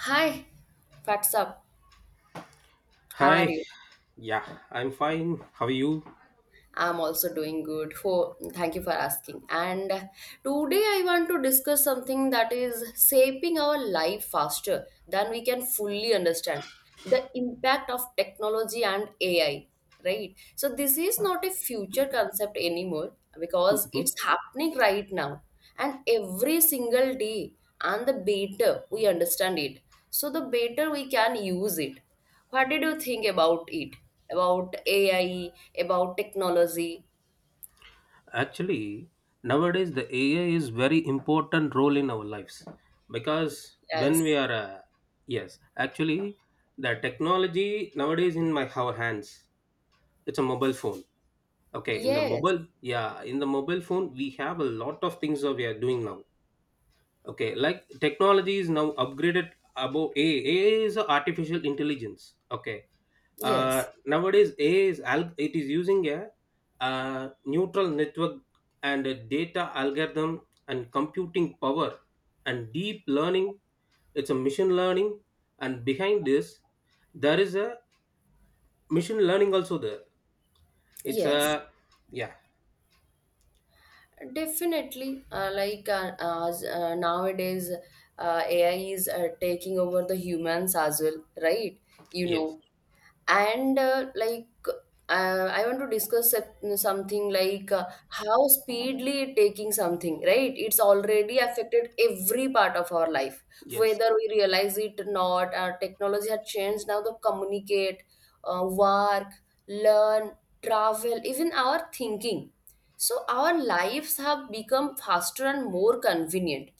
Hi, what's up? How are Hi, you? yeah, I'm fine. How are you? I'm also doing good. For thank you for asking. And today I want to discuss something that is shaping our life faster than we can fully understand. The impact of technology and AI, right? So this is not a future concept anymore because Mhm. it's happening right now and every single day and the better we understand it so the better we can use it. What did you think about it? About AI, about technology? Actually, nowadays the AI is very important role in our lives because when we Yes. are yes, actually the technology nowadays in my our hands. It's a mobile phone. Okay, Yes. Yeah, in the mobile phone we have a lot of things that we are doing now. Okay, like technology is now upgraded above A. A is a artificial intelligence. Okay. Yes. Nowadays, it is using a neutral network and a data algorithm and computing power and deep learning. It's a machine learning. And behind this there is a machine learning also there. It's Yes. a Yeah, Definitely, like as nowadays, AI is taking over the humans as well, right? You yes, know, and like I want to discuss something like how speedily it taking something, right? It's already affected every part of our life, yes, whether we realize it or not. Our technology has changed now to communicate, work, learn, travel, even our thinking, so our lives have become faster and more convenient,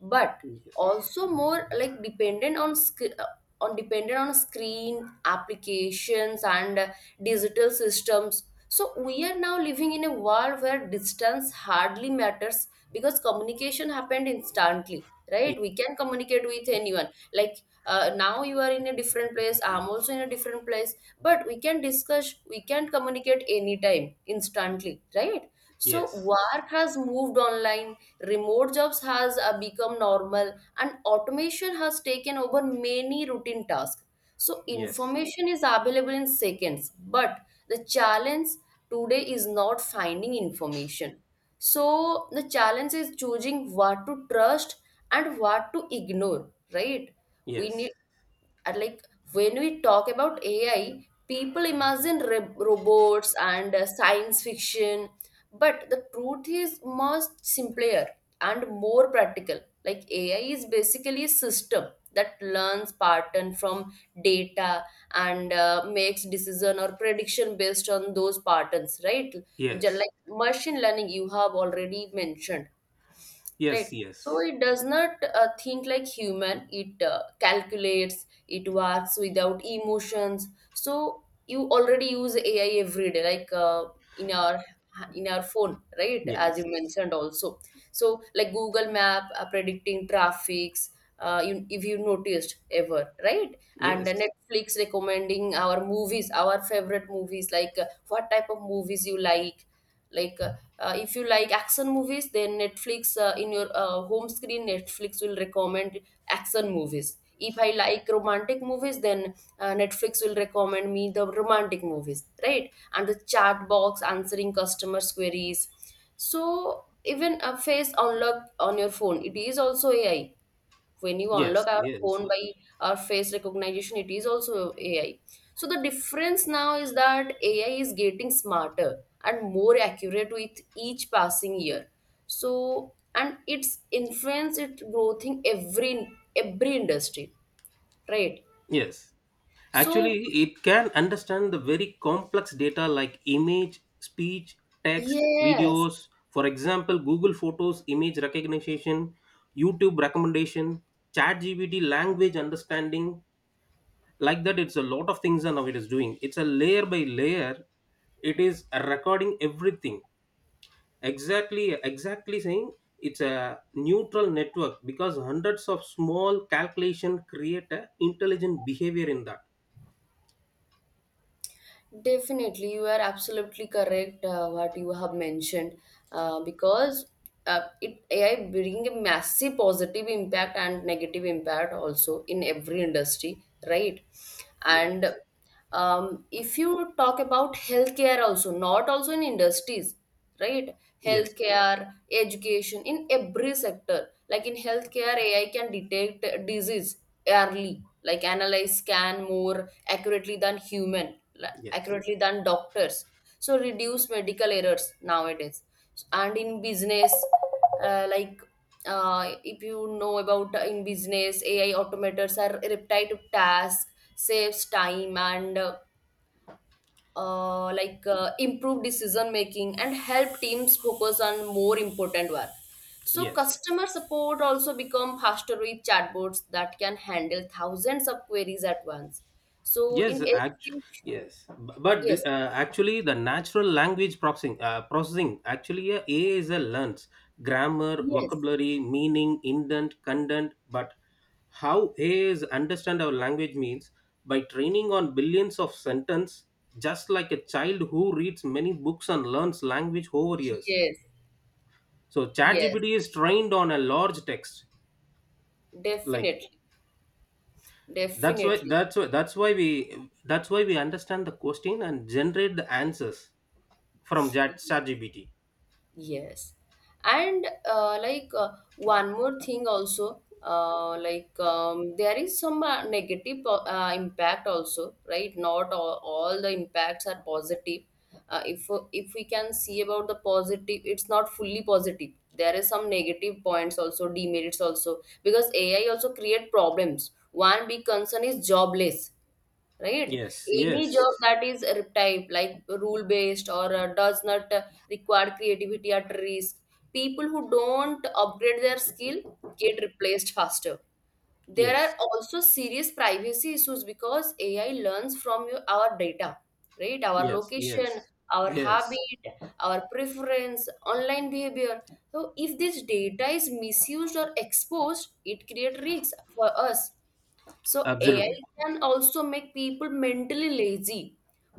but yes, also more like dependent on on dependent on screen applications and digital systems. So we are now living in a world where distance hardly matters because communication happened instantly, yes, right? We can communicate with anyone. Like now you are in a different place, I'm also in a different place, but we can discuss, we can communicate anytime instantly, right? So yes, work has moved online, remote jobs has become normal and automation has taken over many routine tasks. So yes, information is available in seconds, but the challenge today is not finding information, so the challenge is choosing what to trust and what to ignore, right? We yes, need, and like, when we talk about AI, people imagine robots and science fiction, but the truth is much simpler and more practical. Like AI is basically a system that learns pattern from data and makes decision or prediction based on those patterns, right? Just yes. like machine learning, you have already mentioned, Yes, right? So yes, it does not think like human, it calculates, it works without emotions. So you already use AI every day, like in our in our phone, right? As you yes, mentioned also, so like Google Map predicting traffics, you, if you noticed ever, right? And yes, Netflix recommending our movies, our favorite movies, like what type of movies you like. like uh, if you like action movies, then Netflix, in your home screen, Netflix will recommend action movies. If I like romantic movies, then Netflix will recommend me the romantic movies, right? And the chat box answering customers queries, so even a face unlock on your phone, it is also AI. When you unlock yes, our yes, phone by our face recognition, it is also AI. So the difference now is that AI is getting smarter and more accurate with each passing year. So and its influence it growth in every industry, right? yes. So Actually, it can understand the very complex data like image, speech, text, yes. videos. For example, Google Photos image recognition, YouTube recommendation, ChatGPT language understanding. Like that, it's a lot of things and now it is doing. It's a layer by layer. It is recording everything, exactly saying it's a neutral network because hundreds of small calculation create a intelligent behavior in that. Definitely, you are absolutely correct what you have mentioned, because it AI bring a massive positive impact and negative impact also in every industry, right? And Yes, if you talk about healthcare also, not also in industries, right? yes, Healthcare, education, in every sector. Like in healthcare, AI can detect disease early, like analyze, scan more accurately than human, like yes, accurately than doctors. So reduce medical errors nowadays. And in business, uh, like if you know about in business, AI automators are repetitive tasks, saves time and improve decision making and help teams focus on more important work. So yes. customer support also become faster with chatbots that can handle thousands of queries at once. So in Yes, act. education, Yes, but yes, actually, the natural language processing, processing actually AI is a learns grammar, yes, vocabulary, meaning, intent, content. But how AI is understand our language means by training on billions of sentence, just like a child who reads many books and learns language over years. yes, So yes, ChatGPT is trained on a large text, like definitely, that's why definitely. that's why that's why we understand the question and generate the answers from ChatGPT. Yes. And one more thing also, like there is some uh, negative impact also, right? Not all, all the impacts are positive. Uh, if if we can see about the positive, it's not fully positive. There is some negative points also, demerits also, because AI also create problems. One big concern is jobless, right? Yes, Any job yes, that is type like rule based or does not require creativity at risk, people who don't upgrade their skill get replaced faster. There are yes, also serious privacy issues because AI learns from your, our data, right? Our yes, location, yes, our yes, habit, our preference, online behavior. So if this data is misused or exposed, it creates risks for us. So AI absolutely. can also make people mentally lazy.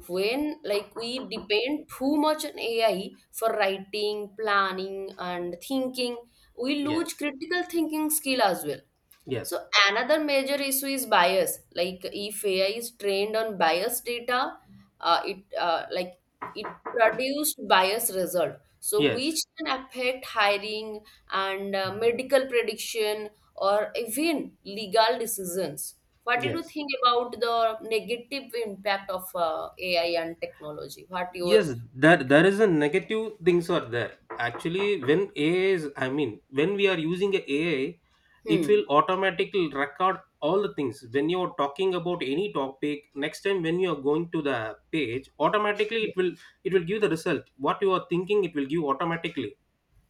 When like we depend too much on AI for writing, planning, and thinking, we lose Yes, critical thinking skill as well. yes, So another major issue is bias. Like if AI is trained on biased data, uh, it uh, like it produced biased result. So which yes, can affect hiring and medical prediction or even legal decisions. What did you yes, think about the negative impact of AI and technology? What your yes. That there is a negative things are there. Actually, when AI is, I mean, when we are using a AI, it hmm? will automatically record all the things. When you are talking about any topic, next time when you are going to the page, automatically it will give the result. What you are thinking, it will give automatically.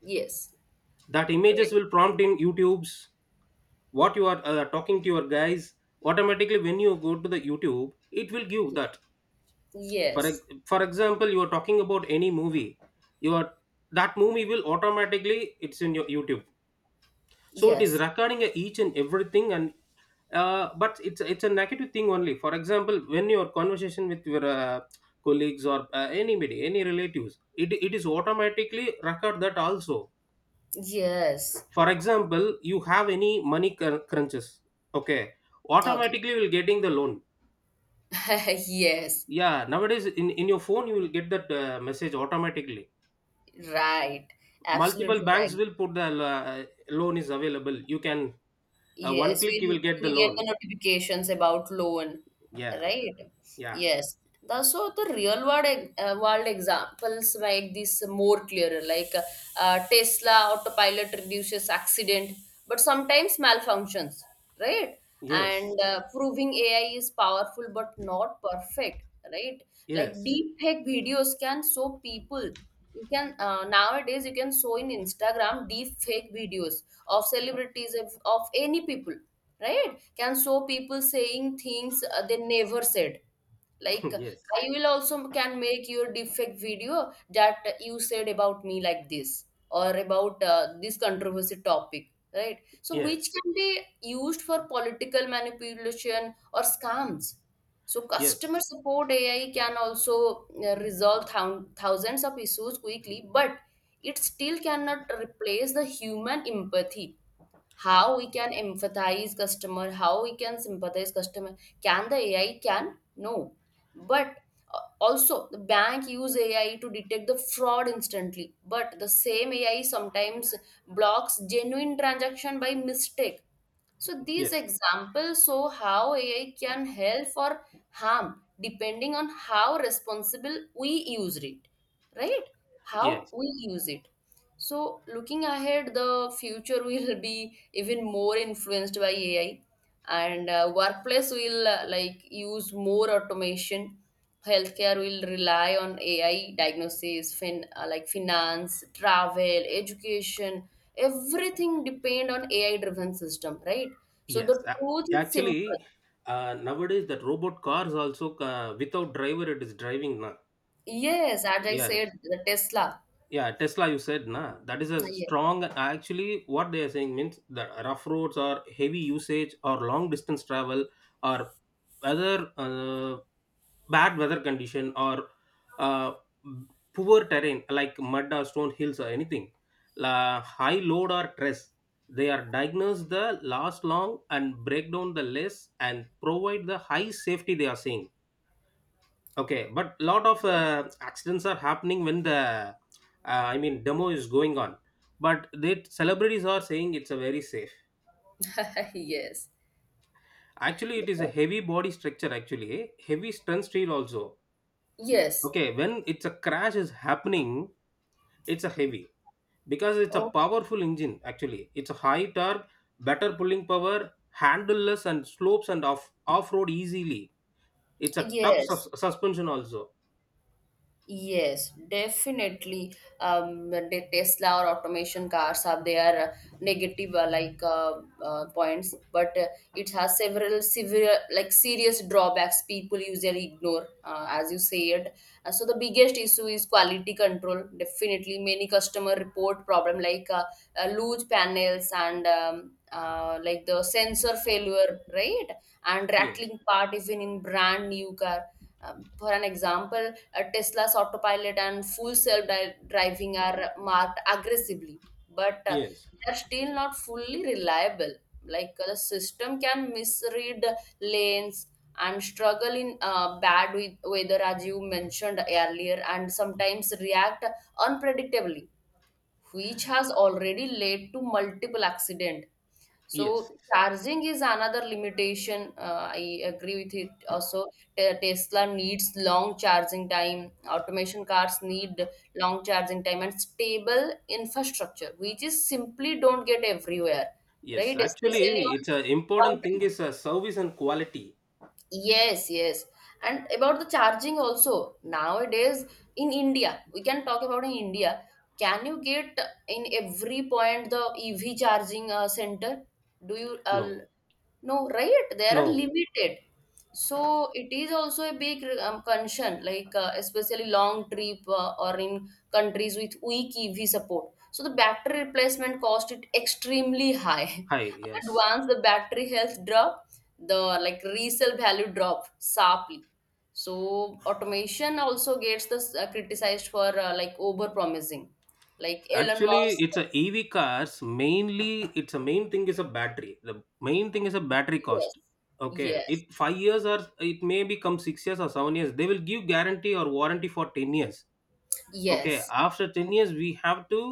Yes, That images right. will prompt in youtube's, what you are talking to your guys. Automatically when you go to the youtube, it will give that. Yes, For example, you are talking about any movie, you are that movie will automatically it's in your youtube. yes, So it is yes. recording each and everything. And but it's a negative thing only. For example, when your conversation with your colleagues or anybody any relatives, it is automatically record that also. Yes. For example, you have any money crunches. Okay, Okay. automatically you will getting the loan. Yes, Yeah, nowadays in your phone you will get that message automatically. right. Absolutely Multiple banks right. will put the loan is available, you can one Yes, click you we will get the we get the loan. notifications about loan, Yeah, right? yeah, Yes. The, so the real world world examples make this more clearer. Like Tesla autopilot reduces accident, but sometimes malfunctions, right? yes, And proving AI is powerful but not perfect, right? Like yes. deep fake videos can show people. You can nowadays you can show in Instagram deep fake videos of celebrities of any people, right? Can show people saying things they never said, like Yes, I will also can make your defect video that you said about me like this or about this controversy topic, right? So which yes, can be used for political manipulation or scams. So customer yes, support AI can also resolve thousands of issues quickly, but it still cannot replace the human empathy. How we can empathize customer, how we can sympathize customer, can the AI? Can no, but also the bank use AI to detect the fraud instantly, but the same AI sometimes blocks genuine transaction by mistake. So these yes, examples show how AI can help or harm depending on how responsible we use it, right? How yes, we use it. So, looking ahead, the future will be even more influenced by AI, and workplace will use more automation. Healthcare will rely on AI diagnosis, finance, travel, education, everything depend on AI-driven system, right? So yes. the A- truth is simple. actually nowadays that robot cars also without driver it is driving now. Yes, as I Yeah. said, the Tesla. Yeah, tesla you said na, that is a Yes, strong actually. What they are saying means the rough roads or heavy usage or long distance travel or other uh, bad weather condition or uh, poor terrain like mud or stone hills or anything. La, high load or stress, they are diagnosed the last long and break down the less and provide the high safety, they are saying. Okay, but lot of accidents are happening when the I mean demo is going on. But the celebrities are saying it's a very safe. yes, yes. Actually, it is a heavy body structure. Actually, heavy strength steel also. Yes. Okay, when it's a crash is happening, it's a heavy because it's a Okay. powerful engine. Actually, it's a high torque, better pulling power, handleless and slopes and off road easily. It's a tough sus- Yes. suspension also. Yes, definitely. The Tesla or automation cars have their uh, negative points, but it has several severe like serious drawbacks people usually ignore, as you said. So the biggest issue is quality control. Definitely, many customer report problem like loose panels and like the sensor failure, right? and Yes, rattling part even in brand new car, for an example, Tesla's autopilot and full self-driving are marked aggressively, but yes, they are still not fully reliable. Like the system can misread lanes and struggle in bad with weather, as you mentioned earlier, and sometimes react unpredictably, which has already led to multiple accident. yes. So charging is another limitation. I agree with it. Also, Tesla needs long charging time. Automation cars need long charging time and stable infrastructure, which is simply don't get everywhere, Yes, right? Especially actually, on it's a long important thing trip. is a service and quality. Yes, yes. And about the charging also, nowadays in India, we can talk about in India. Can you get in every point the EV charging center? Do you No, no, right? There are no, limited, so it is also a big concern, like especially long trip or in countries with weak EV support. So the battery replacement cost it extremely high, hi, and yes. once the battery health drop, the like resale value drop sharply. So automation also gets the criticized for like over promising, like Elon Actually, Musk. it's a EV cars. Mainly, it's a main thing is a battery. The main thing is a battery Yes, cost. Okay, yes, it 5 years or it may become 6 years or 7 years. They will give guarantee or warranty for 10 years. Okay, yes, after 10 years, we have to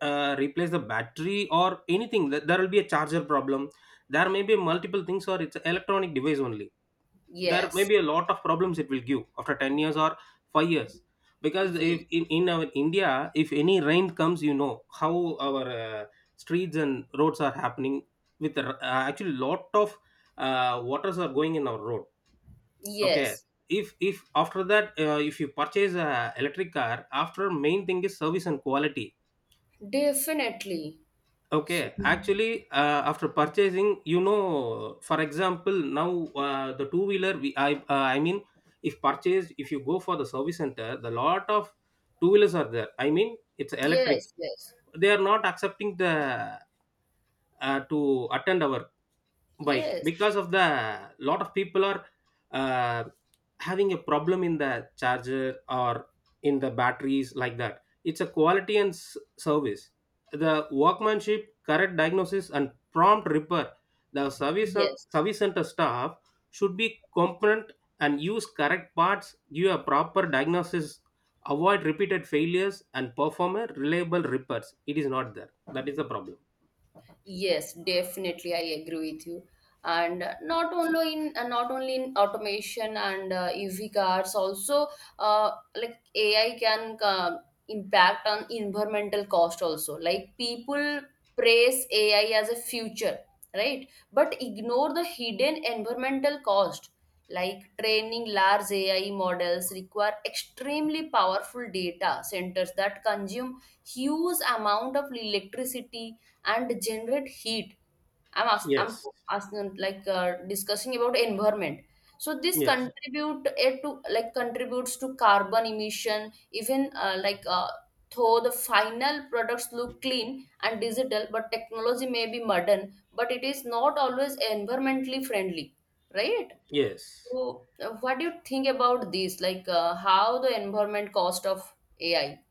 replace the battery or anything. There will be a charger problem. There may be multiple things, or it's an electronic device only. There may yes, be a lot of problems it will give after 10 years or 5 years. Because if yes, in our india, if any rain comes, you know how our streets and roads are happening with the actually lot of waters are going in our road. Okay, yes, if after that if you purchase a electric car, after main thing is service and quality. definitely. So Okay, actually, after purchasing, for example, now the two wheeler, we I mean, if purchased, if you go for the service center, the lot of two wheelers are there. I mean, it's electric. yes, yes, They are not accepting the to attend our bike yes, because of the lot of people are uh, having a problem in the charger or in the batteries. Like that, it's a quality and service, the workmanship, correct diagnosis and prompt repair. The yes. service center staff should be competent and use correct parts, give a proper diagnosis, avoid repeated failures and perform a reliable repairs. It is not there. That is the problem. Yes, definitely, I agree with you. And not only in automation and EV cars, also AI can impact on environmental cost also. Like people praise AI as a future, right? But ignore the hidden environmental cost. Like training large AI models require extremely powerful data centers that consume huge amount of electricity and generate heat. I'm Yes, asking like discussing about environment. So this yes, contribute it to like contributes to carbon emission. Even though the final products look clean and digital, but technology may be modern, but it is not always environmentally friendly, right? yes. So what do you think about this? Like how the environment cost of AI?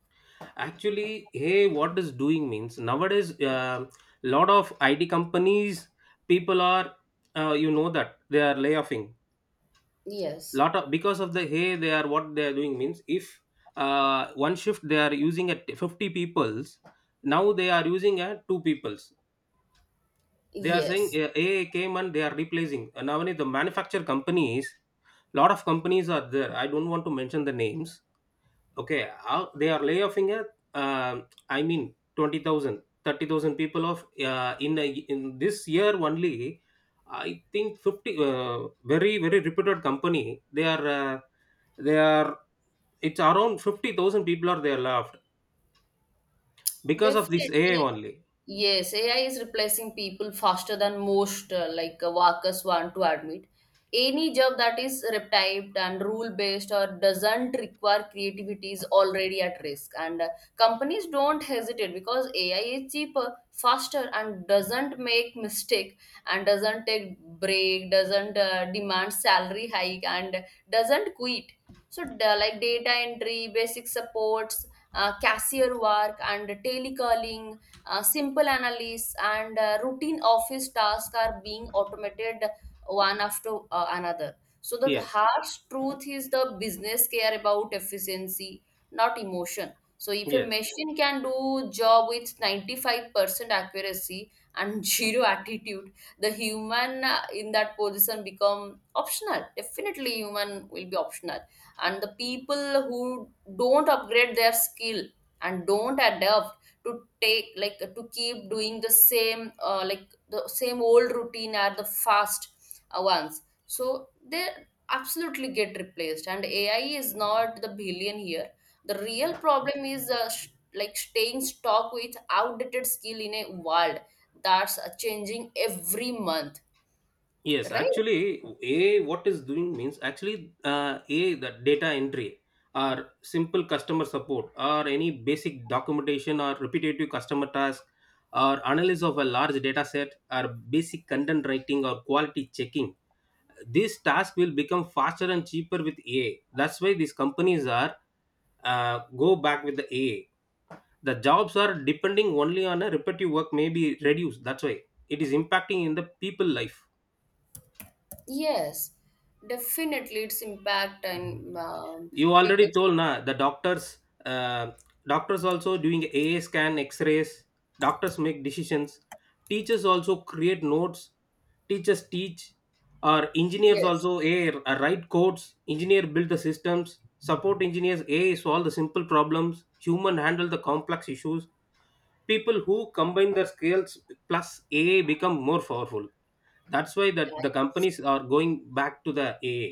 Actually, hey, what is doing means nowadays? A lot of IT companies, people are, you know that they are layoffing. Yes. Lot of because of the hey, they are what they are doing means if one shift they are using at 50 peoples, now they are using at two peoples. They are saying Yes, AI came and they are replacing. And now only the manufacturer companies, lot of companies are there. I don't want to mention the names. Okay, how they are layoffing at um I mean 20,000, 30,000 people of in this year only. I think 50 very very reputed company, they are it's around 50,000 people are there left because of this ai definitely. only. Yes, AI is replacing people faster than most workers want to admit. Any job that is repetitive and rule based or doesn't require creativity is already at risk. And Companies don't hesitate because AI is cheaper, faster, and doesn't make mistake and doesn't take break, doesn't demand salary hike, and doesn't quit. So, like data entry, basic supports, cashier work, and telecalling, simple analysis and routine office tasks are being automated one after another. So the Yes, harsh truth is the business care about efficiency, not emotion. So if a yes. machine can do job with 95% accuracy and zero attitude, the human in that position become optional. Definitely human will be optional. And the people who don't upgrade their skill and don't adapt to take to keep doing the same like the same old routine are the fast ones, so they absolutely get replaced. And ai is not the billion here, the real problem is like staying stuck with outdated skill in a world that's changing every month. Yes, Right. actually, AI, what is doing means actually, A, the data entry or simple customer support or any basic documentation or repetitive customer task or analysis of a large data set or basic content writing or quality checking. This task will become faster and cheaper with AI. That's why these companies are go back with the AI. The jobs are depending only on a repetitive work may be reduced. That's why it is impacting in the people life. Yes, definitely its impact, and You already people's. told na the doctors uh, doctors also doing aa scan x-rays. Doctors make decisions. Teachers also create notes. Teachers teach. Or engineers Yes. also a I write codes. Engineer build the systems. Support engineers, a I solve the simple problems, human handle the complex issues. People who combine their skills plus ai become more powerful. That's why that the Yeah. companies are going back to the ai.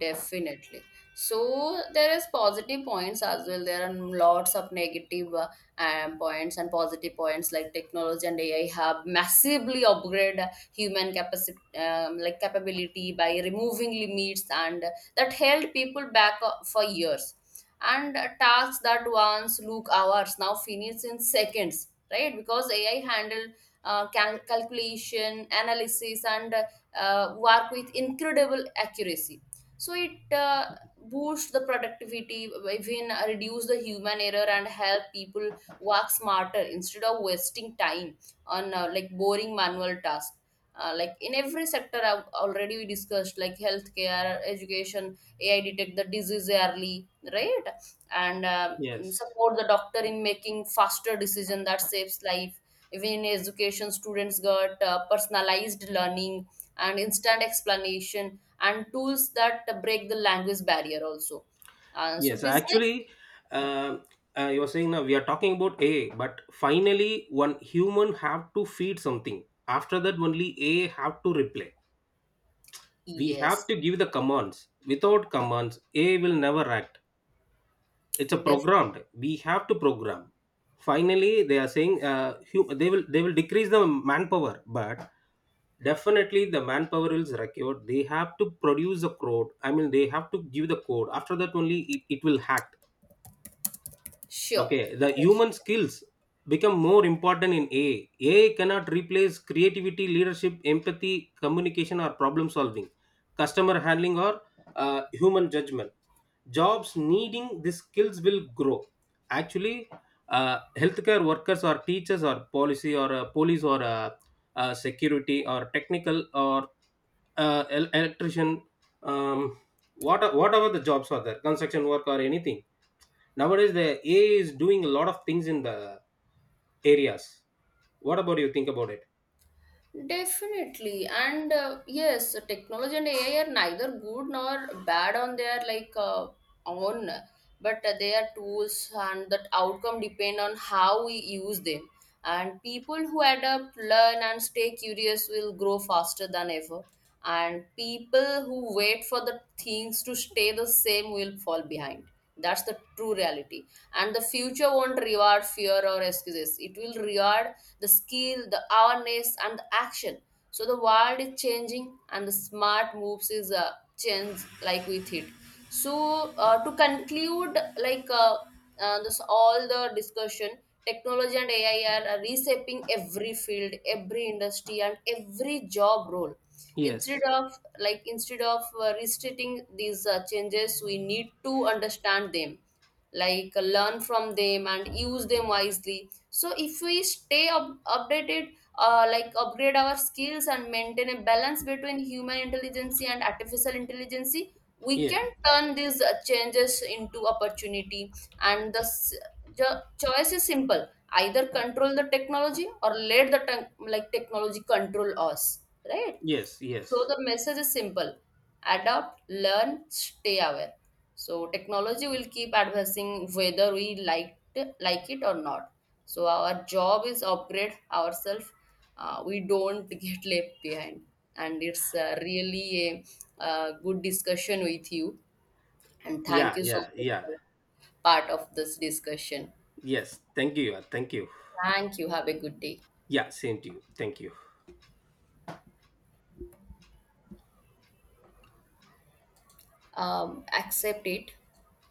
Definitely. So there is positive points as well. There are lots of negative points and positive points, like technology and AI have massively upgrade human capacity, like capability, by removing limits and that held people back for years. And tasks that once look hours now finish in seconds, right? Because AI handle calculation, analysis, and work with incredible accuracy, so it boosts the productivity, even reduce the human error and help people work smarter instead of wasting time on like boring manual tasks, like in every sector. I've already we discussed like healthcare, education, ai detect the disease early, right? And Yes. support the doctor in making faster decision that saves life. Even in education, students got personalized learning and instant explanation and tools that break the language barrier also. So Yes, business, actually, uh, you were saying now we are talking about A, but finally, one human have to feed something. After that, only A have to reply. We have yes, to give the commands. Without commands, A will never act. It's a def programmed. We have to program. Finally, they are saying they will decrease the manpower, but definitely the manpower is required. They have to produce the code. I mean, they have to give the code. After that, only it will hack. sure, Okay, the human definitely. skills become more important in ai. Ai cannot replace creativity, leadership, empathy, communication or problem solving, customer handling or human judgment. Jobs needing these skills will grow. Actually, healthcare workers or teachers or policy or police or security or technical or electrician, um, whatever the jobs are there, construction work or anything. Nowadays the ai is doing a lot of things in the areas. What about you think about it? Definitely, and yes, technology and AI are neither good nor bad on their own, but they are tools, and that outcome depend on how we use them. And people who adapt, learn, and stay curious will grow faster than ever, and people who wait for the things to stay the same will fall behind. That's the true reality. And the future won't reward fear or excuses, it will reward the skill, the awareness, and the action. So the world is changing and the smart moves is a change like with it. So to conclude, this all the discussion, technology and AI are reshaping every field, every industry, and every job role. Yes. Instead of restricting these changes, we need to understand them, learn from them and use them wisely. So if we stay up, updated upgrade our skills and maintain a balance between human intelligence and artificial intelligence, we Yes. can turn these changes into opportunity. And the choice is simple: either control the technology or let the technology control us, right? Yes. So Yes. the message is simple: adapt, learn, stay aware. So technology will keep advancing whether like it or not. So our job is upgrade ourselves. We don't get left behind. And it's uh, good discussion with you. And thank Yeah, you so yeah, much yeah, for part of this discussion. yes, thank you. Yeah, thank you. Thank you. Have a good day. Yeah, same to you, thank you. Accept it.